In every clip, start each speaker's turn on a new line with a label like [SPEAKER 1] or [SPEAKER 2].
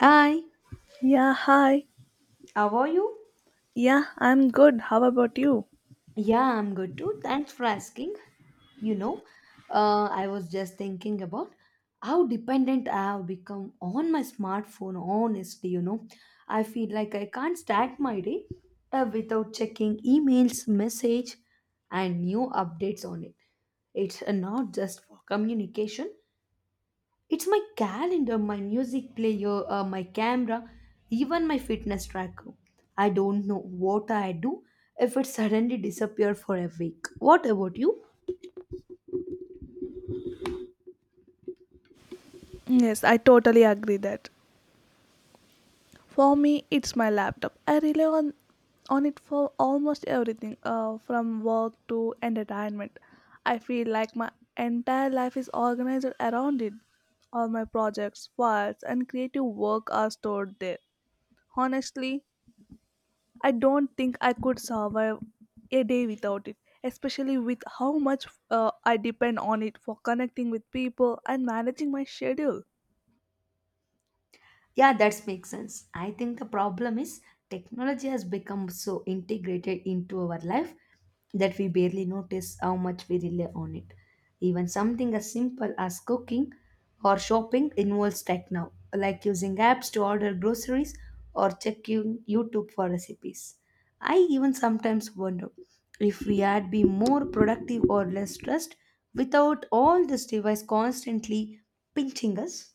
[SPEAKER 1] Hi,
[SPEAKER 2] Yeah, hi.
[SPEAKER 1] how are you?
[SPEAKER 2] Yeah, I'm good. How about you?
[SPEAKER 1] Yeah, I'm good too. Thanks for asking. You know, I was just thinking about how dependent I have become on my smartphone. Honestly, I feel like I can't start my day without checking emails, message, and new updates on it. It's not just for communication, it's my calendar, my music player, my camera, even my fitness tracker. I don't know what I do if it suddenly disappeared for a week. What about you?
[SPEAKER 2] Yes, I totally agree that. For me, it's my laptop. I rely on it for almost everything, from work to entertainment. I feel like my entire life is organized around it. All my projects, files, and creative work are stored there. Honestly, I don't think I could survive a day without it, especially with how much I depend on it for connecting with people and managing my schedule.
[SPEAKER 1] Yeah, that makes sense. I think the problem is technology has become so integrated into our life that we barely notice how much we rely on it. Even something as simple as cooking or shopping involves tech now, like using apps to order groceries or checking YouTube for recipes. I even sometimes wonder if we had been more productive or less stressed without all this device constantly pinching us.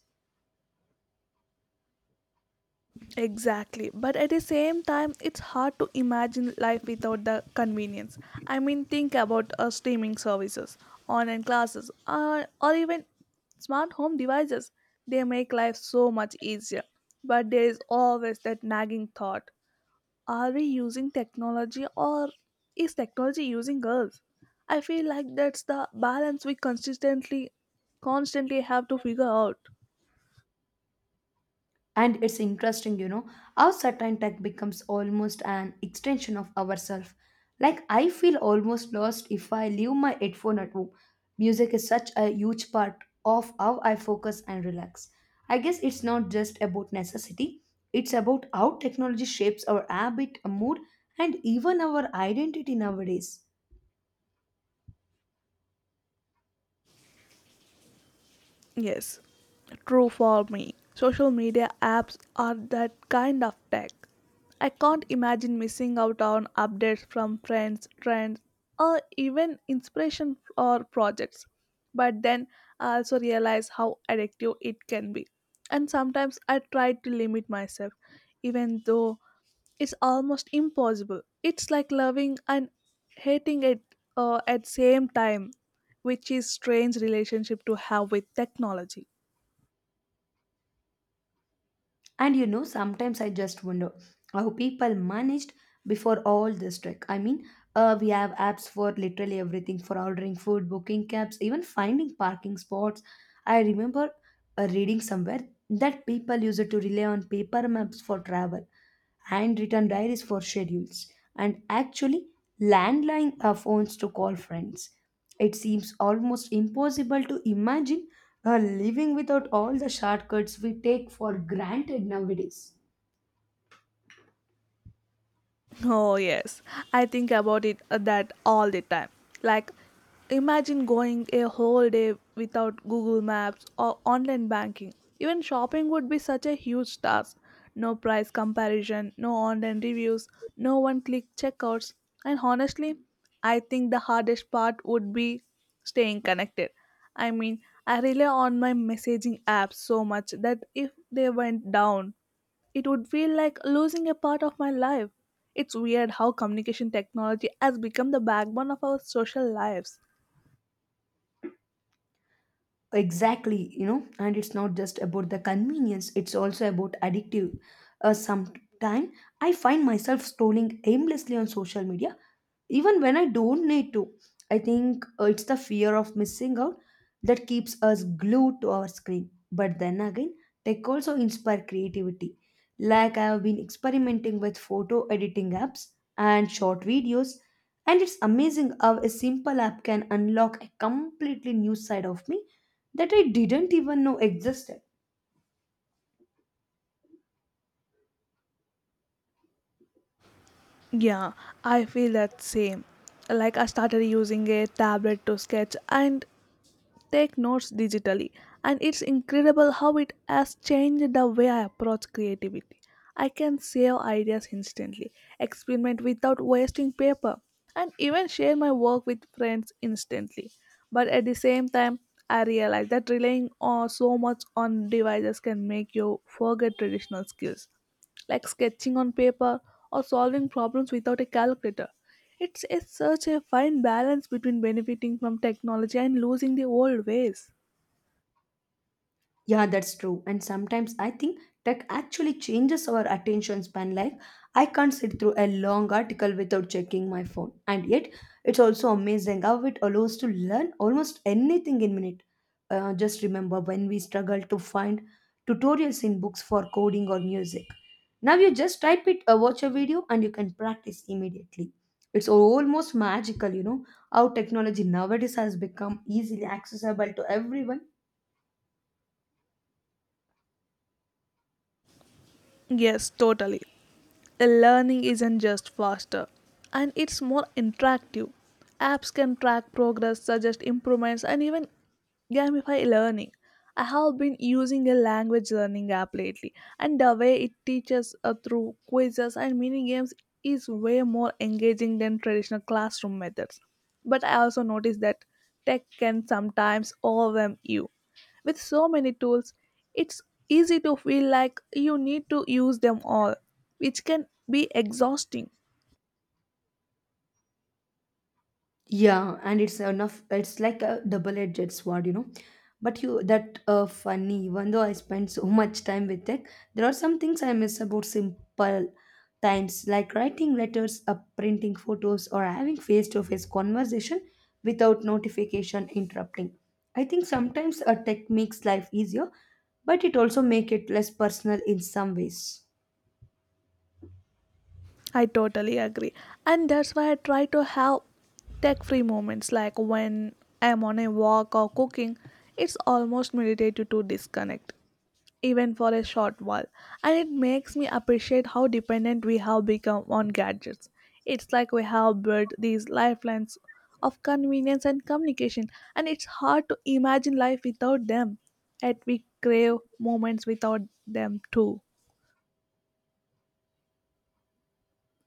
[SPEAKER 2] Exactly, but at the same time, it's hard to imagine life without the convenience. I mean, think about streaming services, online classes, or even smart home devices. They make life so much easier, but there is always that nagging thought, are we using technology or is technology using us? I feel like that's the balance we consistently constantly have to figure out.
[SPEAKER 1] And it's interesting, how certain tech becomes almost an extension of ourselves. Like, I feel almost lost if I leave my headphone at home. Music is such a huge part of how I focus and relax. I guess it's not just about necessity, it's about how technology shapes our habit, mood, and even our identity nowadays.
[SPEAKER 2] Yes, true for me. Social media apps are that kind of tech. I can't imagine missing out on updates from friends, trends, or even inspiration or projects. But then I also realize how addictive it can be. And sometimes I try to limit myself, even though is almost impossible. It's like loving and hating it at same time, which is strange relationship to have with technology.
[SPEAKER 1] And sometimes I just wonder how people managed before all this tech. I mean, we have apps for literally everything for ordering food, booking cabs, even finding parking spots. I remember reading somewhere that people used to rely on paper maps for travel handwritten diaries for schedules, and actually landline phones to call friends. It seems almost impossible to imagine living without all the shortcuts we take for granted nowadays.
[SPEAKER 2] Oh, yes. I think about it that all the time. Like, imagine going a whole day without Google Maps or online banking. Even shopping would be such a huge task. No price comparison, no online reviews, no one click checkouts. And honestly, I think the hardest part would be staying connected. I mean, I rely on my messaging apps so much that if they went down, it would feel like losing a part of my life. It's weird how communication technology has become the backbone of our social lives.
[SPEAKER 1] Exactly, and it's not just about the convenience, it's also about addictive sometime. I find myself scrolling aimlessly on social media even when I don't need to. I think it's the fear of missing out that keeps us glued to our screen. But then again, tech also inspire creativity. Like, I have been experimenting with photo editing apps and short videos, and it's amazing how a simple app can unlock a completely new side of me that I didn't even know existed.
[SPEAKER 2] Yeah, I feel that same. Like I started using a tablet to sketch and take notes digitally, and it's incredible how it has changed the way I approach creativity. I can save ideas instantly, experiment without wasting paper, and even share my work with friends instantly. But at the same time, I realize that relying on so much on devices can make you forget traditional skills like sketching on paper or solving problems without a calculator. It's a, such a fine balance between benefiting from technology and losing the old ways.
[SPEAKER 1] Yeah, that's true. And sometimes I think tech actually changes our attention span. Like, I can't sit through a long article without checking my phone. And yet, it's also amazing how it allows to learn almost anything in minute. Just remember when we struggled to find tutorials in books for coding or music. Now you just type it, watch a video, and you can practice immediately. It's almost magical, how technology nowadays has become easily accessible to everyone.
[SPEAKER 2] Yes, totally. The learning isn't just faster, and it's more interactive. Apps can track progress, suggest improvements, and even gamify learning. I have been using a language learning app lately, and the way it teaches through quizzes and mini games is way more engaging than traditional classroom methods. But I also noticed that tech can sometimes overwhelm you with so many tools, it's easy to feel like you need to use them all, which can be exhausting.
[SPEAKER 1] Yeah, and it's enough. It's like a double-edged sword, But you that funny, even though I spend so much time with it, there are some things I miss about simple times, like writing letters, printing photos, or having face-to-face conversation without notification interrupting. I think sometimes a tech makes life easier, but it also make it less personal in some ways.
[SPEAKER 2] I totally agree. And that's why I try to have tech free moments like when I'm on a walk or cooking. It's almost meditative to disconnect, even for a short while, and it makes me appreciate how dependent we have become on gadgets. It's like we have built these lifelines of convenience and communication, and it's hard to imagine life without them. Yet we crave moments without them too.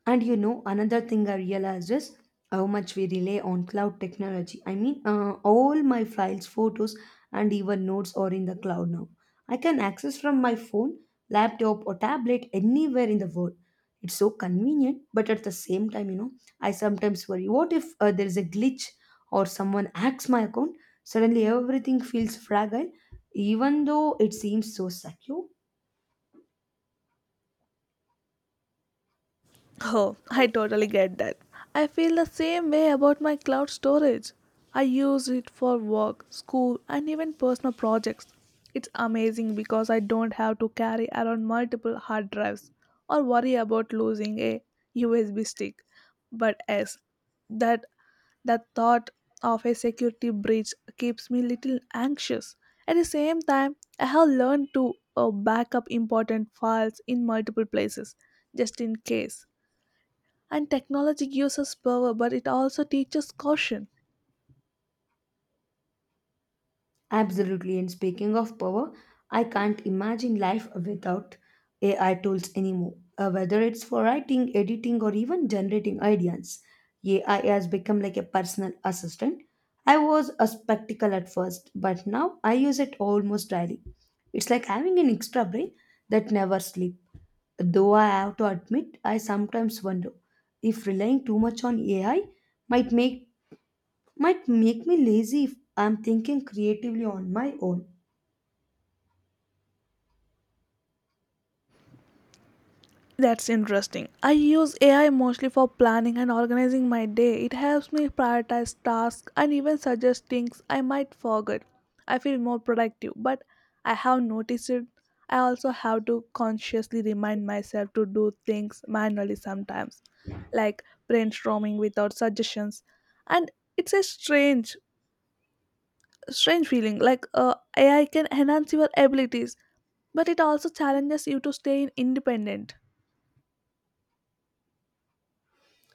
[SPEAKER 1] And another thing I realized is how much we rely on cloud technology. I mean, all my files, photos, and even notes are in the cloud now. I can access from my phone, laptop, or tablet anywhere in the world. It's so convenient, but at the same time, I sometimes worry what if there is a glitch or someone hacks my account? Suddenly, everything feels fragile, even though it seems so secure.
[SPEAKER 2] Oh, I totally get that. I feel the same way about my cloud storage. I use it for work, school, and even personal projects. It's amazing because I don't have to carry around multiple hard drives or worry about losing a USB stick. But as that that thought of a security breach keeps me little anxious. At the same time, I have learned to back up important files in multiple places just in case, and technology gives us power, but it also teaches caution.
[SPEAKER 1] Absolutely. And speaking of power, I can't imagine life without AI tools anymore. Whether it's for writing, editing, or even generating ideas, AI has become like a personal assistant. I was a spectacle at first, but now I use it almost daily. It's like having an extra brain that never sleeps. Though I have to admit, I sometimes wonder if relying too much on AI might make might make me lazy if I'm thinking creatively on my own.
[SPEAKER 2] That's interesting. I use AI mostly for planning and organizing my day. It helps me prioritize tasks and even suggest things I might forget. I feel more productive, but i have noticed it I also have to consciously remind myself to do things manually sometimes, like brainstorming without suggestions. And it's a strange feeling, like AI can enhance your abilities, but it also challenges you to stay independent.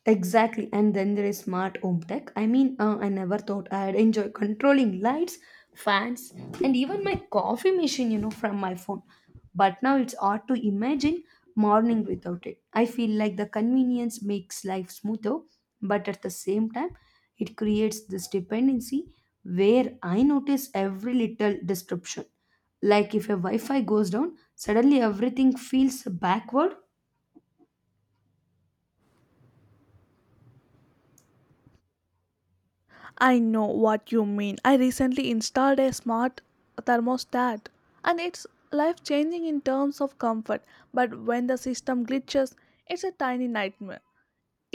[SPEAKER 1] Exactly, and then there is smart home tech. I mean, I never thought I'd enjoy controlling lights, fans, and even my coffee machine, from my phone. But now it's hard to imagine morning without it. I feel like the convenience makes life smoother, but at the same time, it creates this dependency where I notice every little disruption. Like if a Wi Fi goes down, suddenly everything feels backward.
[SPEAKER 2] I know what you mean. I recently installed a smart thermostat, and it's life changing in terms of comfort, but when the system glitches, it's a tiny nightmare.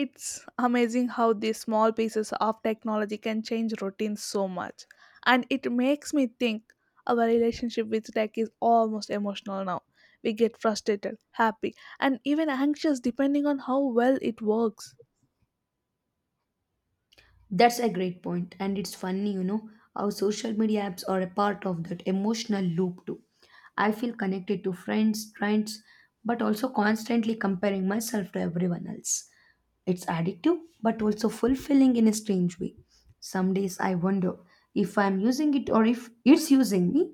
[SPEAKER 2] It's amazing how these small pieces of technology can change routines so much. And it makes me think our relationship with tech is almost emotional now. We get frustrated, happy, and even anxious depending on how well it works.
[SPEAKER 1] That's a great point, and it's funny, how social media apps are a part of that emotional loop too. I feel connected to friends, trends, but also constantly comparing myself to everyone else. It's addictive, but also fulfilling in a strange way. Some days I wonder if I'm using it or if it's using me,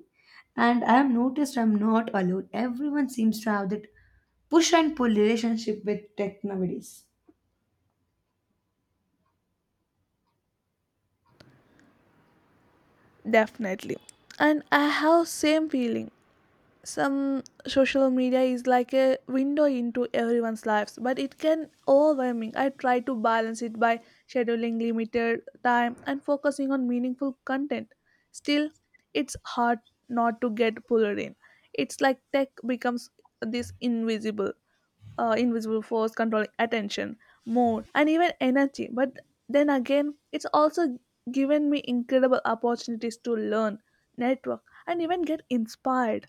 [SPEAKER 1] and I have noticed I'm not alone. Everyone seems to have that push and pull relationship with tech nowadays.
[SPEAKER 2] Definitely. And I have same feeling. Some social media is like a window into everyone's lives, but it can overwhelming. I try to balance it by scheduling limited time and focusing on meaningful content. Still, it's hard not to get pulled in. It's like tech becomes this invisible force controlling attention, mood, and even energy. But then again, it's also given me incredible opportunities to learn, network, and even get inspired.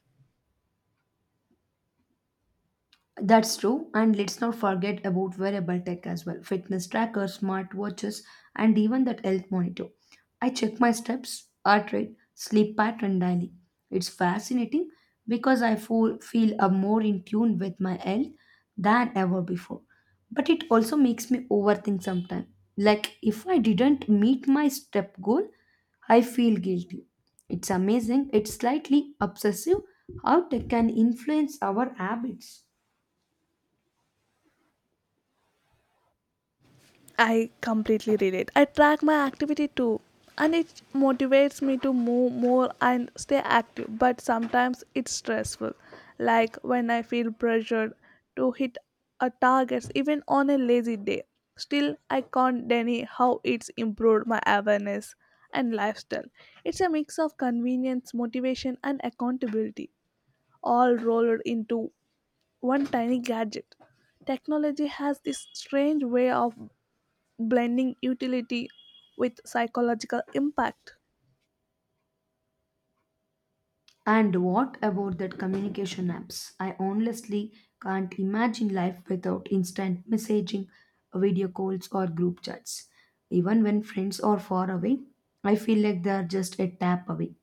[SPEAKER 1] That's true, and let's not forget about wearable tech as well fitness trackers, smartwatches, and even that health monitor. I check my steps, heart rate, sleep pattern daily. It's fascinating because I feel more in tune with my health than ever before. But it also makes me overthink sometimes. Like, if I didn't meet my step goal, I feel guilty. It's amazing, it's slightly obsessive how tech can influence our habits.
[SPEAKER 2] I completely relate. I track my activity too, and it motivates me to move more and stay active. But sometimes it's stressful, like when I feel pressured to hit a target even on a lazy day. Still, I can't deny how it's improved my awareness and lifestyle. It's a mix of convenience, motivation, and accountability, all rolled into one tiny gadget. Technology has this strange way of blending utility with psychological impact.
[SPEAKER 1] And what about that communication apps? I honestly can't imagine life without instant messaging, video calls, or group chats. Even when friends are far away, I feel like they are just a tap away.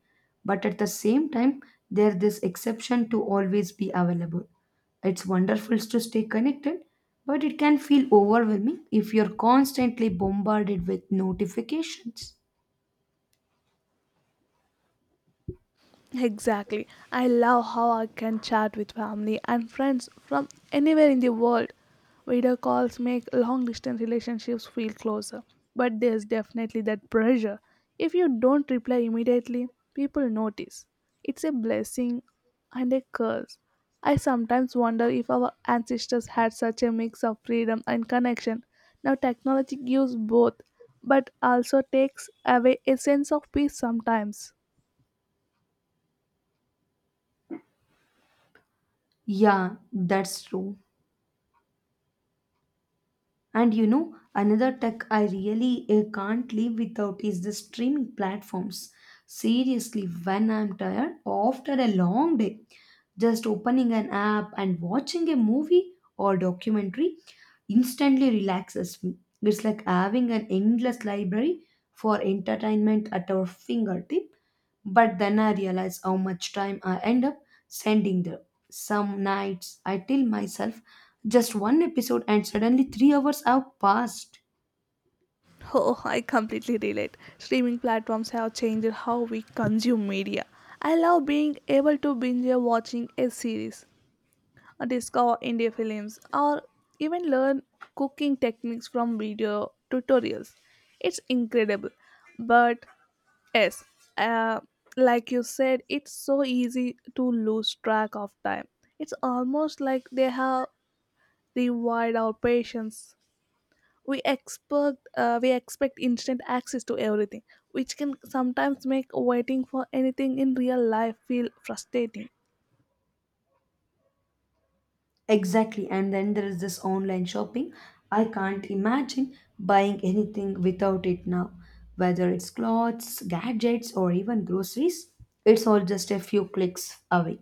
[SPEAKER 1] But at the same time, there is this exception to always be available. It's wonderful to stay connected, but it can feel overwhelming if you're constantly bombarded with notifications.
[SPEAKER 2] Exactly. I love how I can chat with family and friends from anywhere in the world. Video calls make long distance relationships feel closer, but there's definitely that pressure. If you don't reply immediately, people notice. It's a blessing and a curse. I sometimes wonder if our ancestors had such a mix of freedom and connection. Now, technology gives both, but also takes away a sense of peace sometimes.
[SPEAKER 1] Yeah, that's true. And another tech I really can't live without is the streaming platforms. Seriously, when I'm tired after a long day, just opening an app and watching a movie or documentary instantly relaxes me. It's like having an endless library for entertainment at our fingertip. But then I realize how much time I end up spending there. Some nights I tell myself just one episode, and suddenly 3 hours have passed.
[SPEAKER 2] Oh, I completely relate. Streaming platforms have changed how we consume media. I love being able to binge watching a series, or discover indie films, or even learn cooking techniques from video tutorials. It's incredible. But yes, uh, like you said, it's so easy to lose track of time. It's almost like they have rewired our patience. We expect instant access to everything, which can sometimes make waiting for anything in real life feel frustrating.
[SPEAKER 1] Exactly. And then there is this online shopping. I can't imagine buying anything without it now, whether it's clothes, gadgets, or even groceries. It's all just a few clicks away.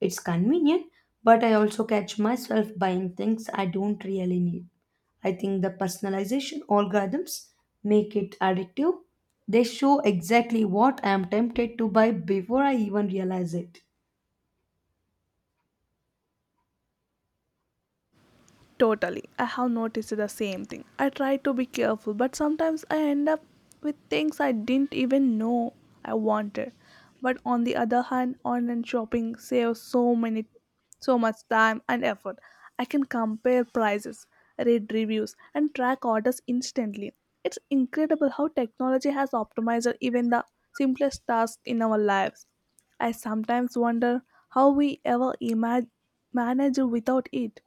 [SPEAKER 1] It's convenient, but I also catch myself buying things I don't really need. I think the personalization algorithms make it addictive. They show exactly what I am tempted to buy before I even realize it.
[SPEAKER 2] Totally. I have noticed the same thing. I try to be careful, but sometimes I end up with things I didn't even know I wanted. But on the other hand, online shopping saves so much time and effort. I can compare prices, read reviews, and track orders instantly. It's incredible how technology has optimized even the simplest tasks in our lives. I sometimes wonder how we ever manage without it.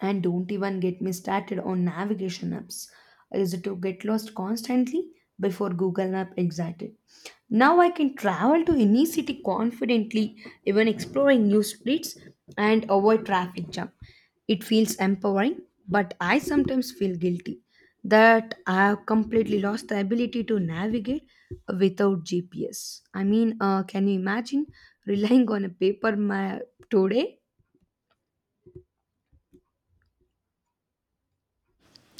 [SPEAKER 1] And don't even get me started on navigation apps. I used to get lost constantly before Google Map existed. Now I can travel to any city confidently, even exploring new streets and avoid traffic jam. It feels empowering, but I sometimes feel guilty that I have completely lost the ability to navigate without GPS. I mean, can you imagine relying on a paper map today?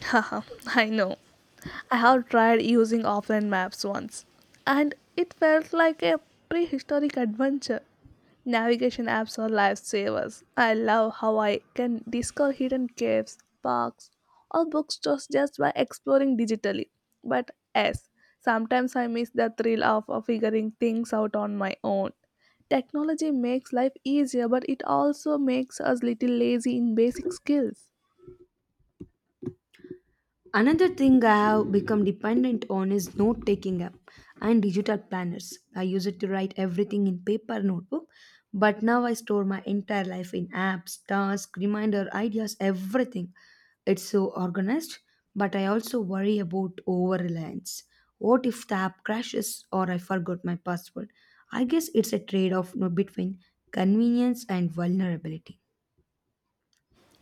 [SPEAKER 2] Haha, I know. I have tried using offline maps once, and it felt like a prehistoric adventure. Navigation apps are lifesavers. I love how I can discover hidden caves, parks, or bookstores just by exploring digitally. But yes, sometimes I miss the thrill of figuring things out on my own. Technology makes life easier, but it also makes us little lazy in basic skills.
[SPEAKER 1] Another thing I have become dependent on is note taking app and digital planners. I use it to write everything in paper notebook, but now I store my entire life in apps, tasks, reminder, ideas, everything. It's so organized, but I also worry about over reliance. What if the app crashes or I forgot my password? I guess it's a trade off between convenience and vulnerability.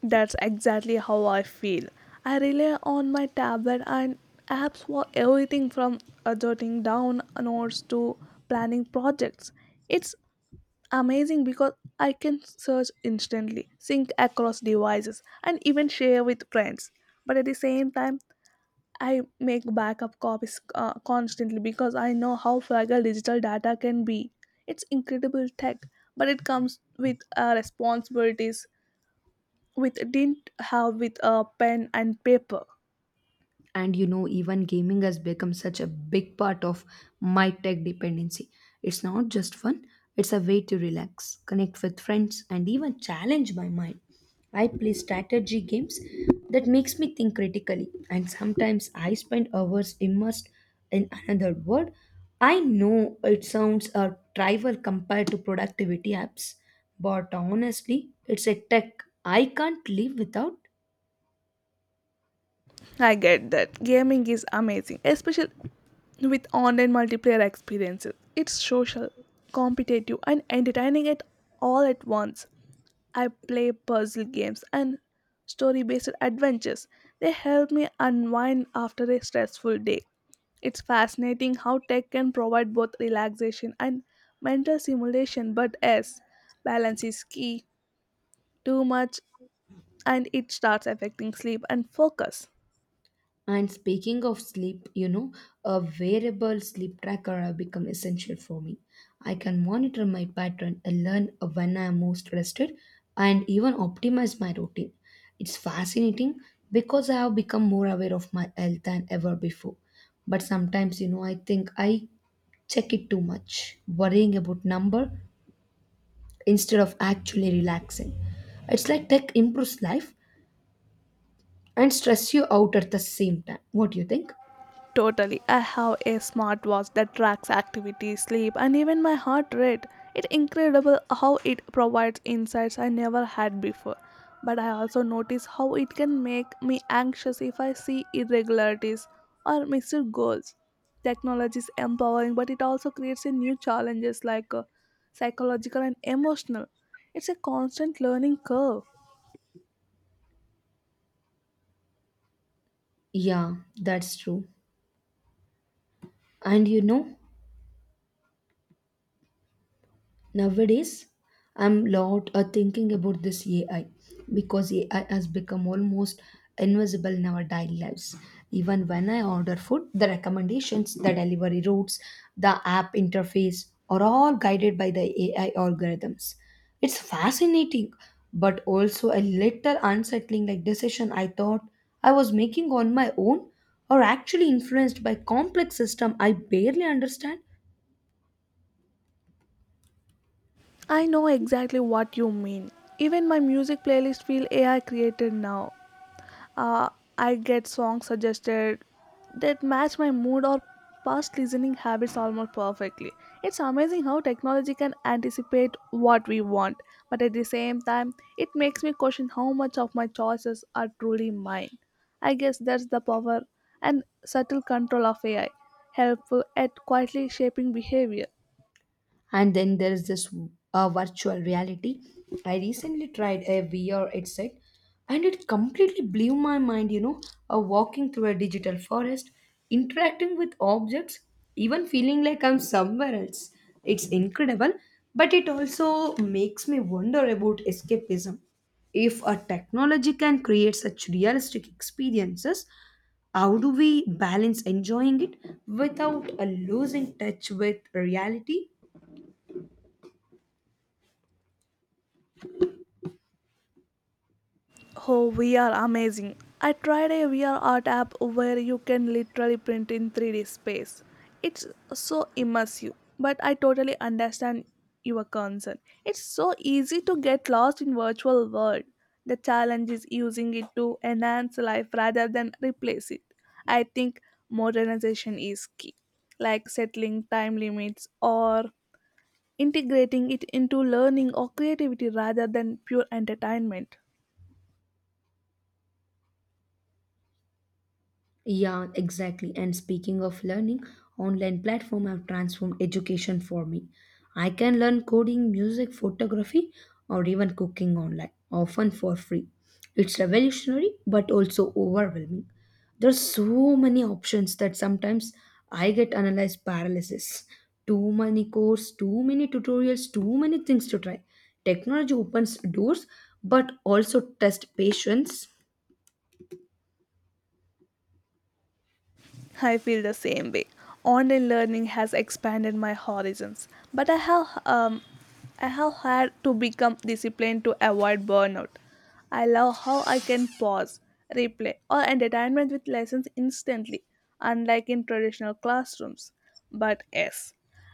[SPEAKER 2] That's exactly how I feel. I rely on my tablet and apps for everything, from jotting down notes to planning projects. It's amazing because I can search instantly, sync across devices, and even share with friends. But at the same time, I make backup copies constantly because I know how fragile digital data can be. It's incredible tech, but it comes with responsibilities with didn't have with a pen and paper.
[SPEAKER 1] And even gaming has become such a big part of my tech dependency. It's not just fun, it's a way to relax, connect with friends, and even challenge my mind. I play strategy games that makes me think critically, and sometimes I spend hours immersed in another world. I know it sounds a trivial compared to productivity apps, but honestly, it's a tech I can't live without.
[SPEAKER 2] I get that. Gaming is amazing, especially with online multiplayer experiences. It's social, competitive, and entertaining at all at once. I play puzzle games and story based adventures. They help me unwind after a stressful day. It's fascinating how tech can provide both relaxation and mental stimulation, but yes, balance is key. Too much and it starts affecting sleep and focus.
[SPEAKER 1] And speaking of sleep, a wearable sleep tracker have become essential for me. I can monitor my pattern and learn when I am most rested and even optimize my routine. It's fascinating because I have become more aware of my health than ever before. But sometimes, I think I check it too much, worrying about number instead of actually relaxing. It's like tech improves life and stress you out at the same time. What do you think?
[SPEAKER 2] Totally. I have a smartwatch that tracks activity, sleep, and even my heart rate. It's incredible how it provides insights I never had before. But I also notice how it can make me anxious if I see irregularities or missed goals. Technology is empowering, but it also creates a new challenges like psychological and emotional. It's a constant learning curve.
[SPEAKER 1] Yeah, that's true. And nowadays I'm lot thinking about this AI because AI has become almost invisible in our daily lives. Even when I order food, the recommendations, the delivery routes, the app interface are all guided by the AI algorithms. It's fascinating, but also a little unsettling like decision I thought I was making on my own or actually influenced by complex system I barely understand.
[SPEAKER 2] I know exactly what you mean. Even my music playlist feel AI created now. Uh, I get songs suggested that match my mood or past listening habits almost perfectly. It's amazing how technology can anticipate what we want, but at the same time, it makes me question how much of my choices are truly mine. I guess that's the power and subtle control of AI, helpful at quietly shaping behavior.
[SPEAKER 1] And then there's this virtual reality. I recently tried a VR headset and it completely blew my mind, walking through a digital forest, interacting with objects, even feeling like I'm somewhere else. It's incredible, but it also makes me wonder about escapism. If a technology can create such realistic experiences, how do we balance enjoying it without losing touch with reality.
[SPEAKER 2] Oh, VR amazing. I tried a VR art app where you can literally print in 3D space. It's so immersive, but I totally understand your concern. It's so easy to get lost in virtual world. The challenge is using it to enhance life rather than replace it. I think modernization is key, like settling time limits or integrating it into learning or creativity rather than pure entertainment.
[SPEAKER 1] Yeah, exactly. And speaking of learning, online platform have transformed education for me. I can learn coding, music, photography, or even cooking online, often for free. It's revolutionary but also overwhelming. There's so many options that sometimes I get analyzed paralysis. Too many courses, too many tutorials, too many things to try. Technology opens doors but also test patience.
[SPEAKER 2] I feel the same way. Online learning has expanded my horizons, but I have had to become disciplined to avoid burnout. I love how I can pause, replay, or entertainment with lessons instantly, unlike in traditional classrooms. But yes,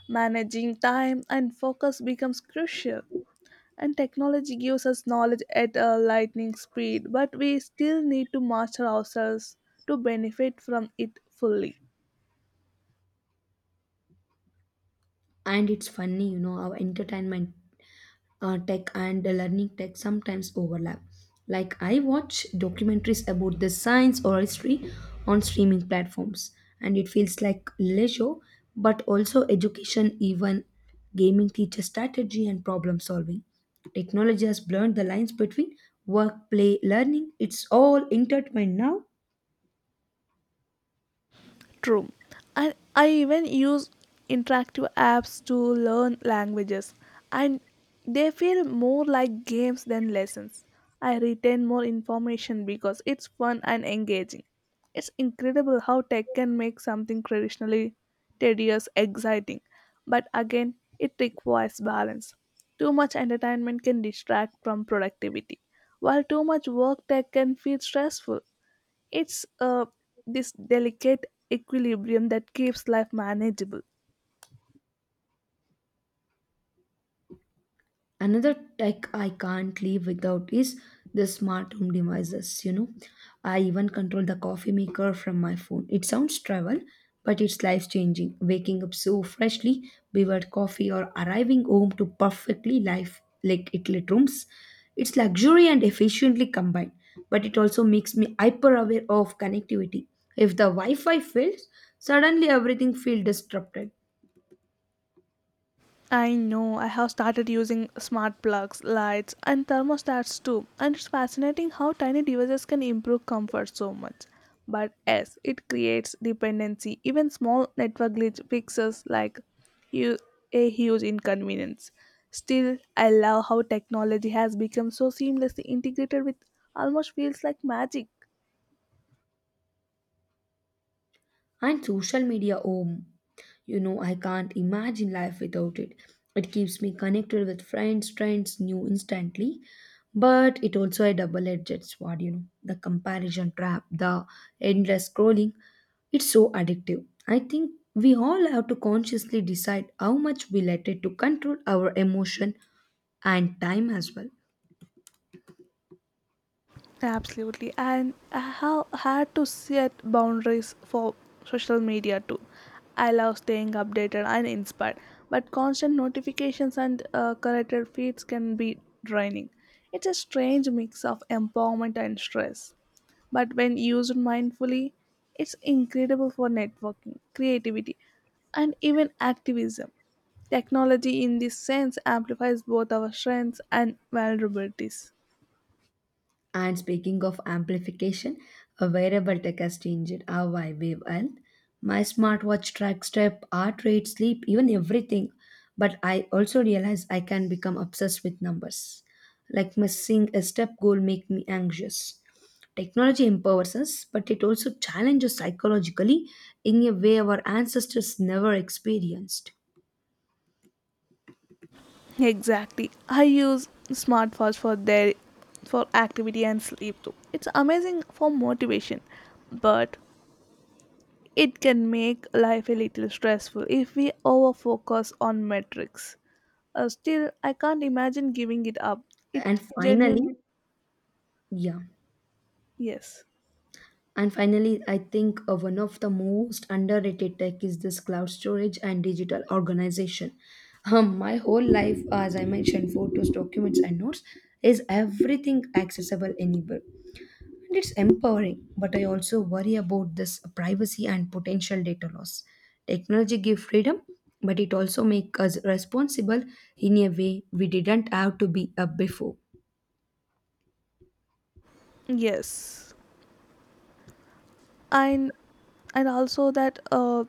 [SPEAKER 2] managing time and focus becomes crucial. And technology gives us knowledge at a lightning speed, but we still need to master ourselves to benefit from it fully.
[SPEAKER 1] And it's funny, you know, how entertainment tech and the learning tech sometimes overlap. Like, I watch documentaries about the science or history on streaming platforms, and it feels like leisure, but also education. Even gaming teaches strategy and problem solving. Technology has blurred the lines between work, play, learning. It's all intertwined now.
[SPEAKER 2] True. And I even use interactive apps to learn languages, and they feel more like games than lessons. I retain more information because it's fun and engaging. It's incredible how tech can make something traditionally tedious exciting, but again, it requires balance. Too much entertainment can distract from productivity, while too much work tech can feel stressful. It's this delicate equilibrium that keeps life manageable.
[SPEAKER 1] Another tech I can't live without is the smart home devices, you know. I even control the coffee maker from my phone. It sounds trivial, but it's life changing, waking up so freshly beverage coffee or arriving home to perfectly life like lit rooms. It's luxury and efficiently combined, but it also makes me hyper aware of connectivity. If the wi-fi fails, suddenly everything feels disrupted.
[SPEAKER 2] I know I have started using smart plugs, lights, and thermostats too, and it's fascinating how tiny devices can improve comfort so much. But yes, it creates dependency. Even small network glitch fixes like hu- a huge inconvenience. Still, I love how technology has become so seamlessly integrated with almost feels like magic.
[SPEAKER 1] And social media home, you know, I can't imagine life without it. It keeps me connected with friends, trends, new instantly, but it also a double-edged sword, you know, the comparison trap, the endless scrolling. It's so addictive. I think we all have to consciously decide how much we let it to control our emotion and time as well.
[SPEAKER 2] Absolutely. And I have had to set boundaries for social media too. I love staying updated and inspired, but constant notifications and curated feeds can be draining. It's a strange mix of empowerment and stress. But when used mindfully, it's incredible for networking, creativity, and even activism. Technology, in this sense, amplifies both our strengths and vulnerabilities.
[SPEAKER 1] And speaking of amplification, a wearable tech has changed how I wave health. My smartwatch tracks step, heart rate, sleep, even everything. But I also realize I can become obsessed with numbers. Like, missing a step goal make me anxious. Technology empowers us, but it also challenges psychologically in a way our ancestors never experienced.
[SPEAKER 2] Exactly. I use smartwatch for activity and sleep too. It's amazing for motivation, but it can make life a little stressful if we overfocus on metrics. Still, I can't imagine giving it up.
[SPEAKER 1] And
[SPEAKER 2] It genuinely,
[SPEAKER 1] finally, yeah.
[SPEAKER 2] yes,
[SPEAKER 1] And finally, I think one of the most underrated tech is this cloud storage and digital organization. My whole life, as I mentioned, photos, documents, and notes is everything accessible anywhere. And it's empowering, but I also worry about this privacy and potential data loss. Technology gives freedom, but it also makes us responsible in a way we didn't have to be before.
[SPEAKER 2] yes. and and also that,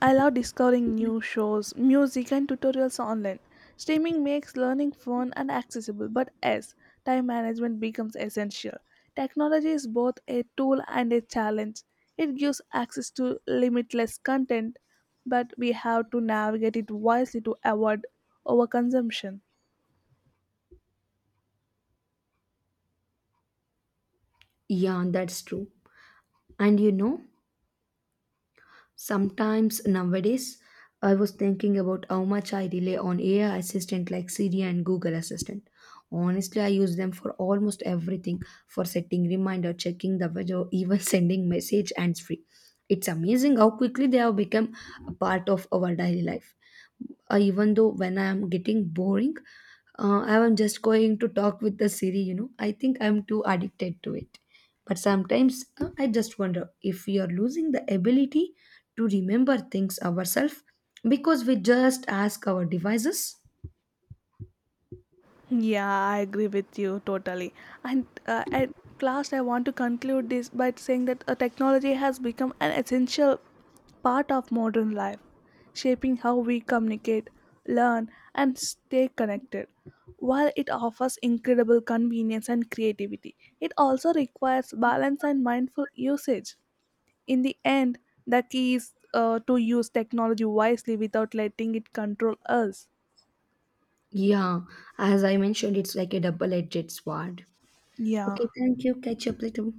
[SPEAKER 2] I love discovering new shows, music, and tutorials online. Streaming makes learning fun and accessible, but as time management becomes essential, technology is both a tool and a challenge. It gives access to limitless content, but we have to navigate it wisely to avoid overconsumption.
[SPEAKER 1] Yeah, that's true. And you know, sometimes nowadays, I was thinking about how much I rely on AI assistant like Siri and Google Assistant. Honestly, I use them for almost everything, for setting reminder, checking the weather, even sending message hands free. It's amazing how quickly they have become a part of our daily life. Even though when I am getting boring, I am just going to talk with the Siri, you know. I think I'm too addicted to it. But sometimes I just wonder if we are losing the ability to remember things ourselves because we just ask our devices.
[SPEAKER 2] Yeah, I agree with you totally. And at last, I want to conclude this by saying that technology has become an essential part of modern life, shaping how we communicate, learn, and stay connected. While it offers incredible convenience and creativity, it also requires balance and mindful usage. In the end, the key is to use technology wisely without letting it control us.
[SPEAKER 1] Yeah, as I mentioned, it's like a double edged sword.
[SPEAKER 2] Yeah.
[SPEAKER 1] Okay, thank you. Catch up later.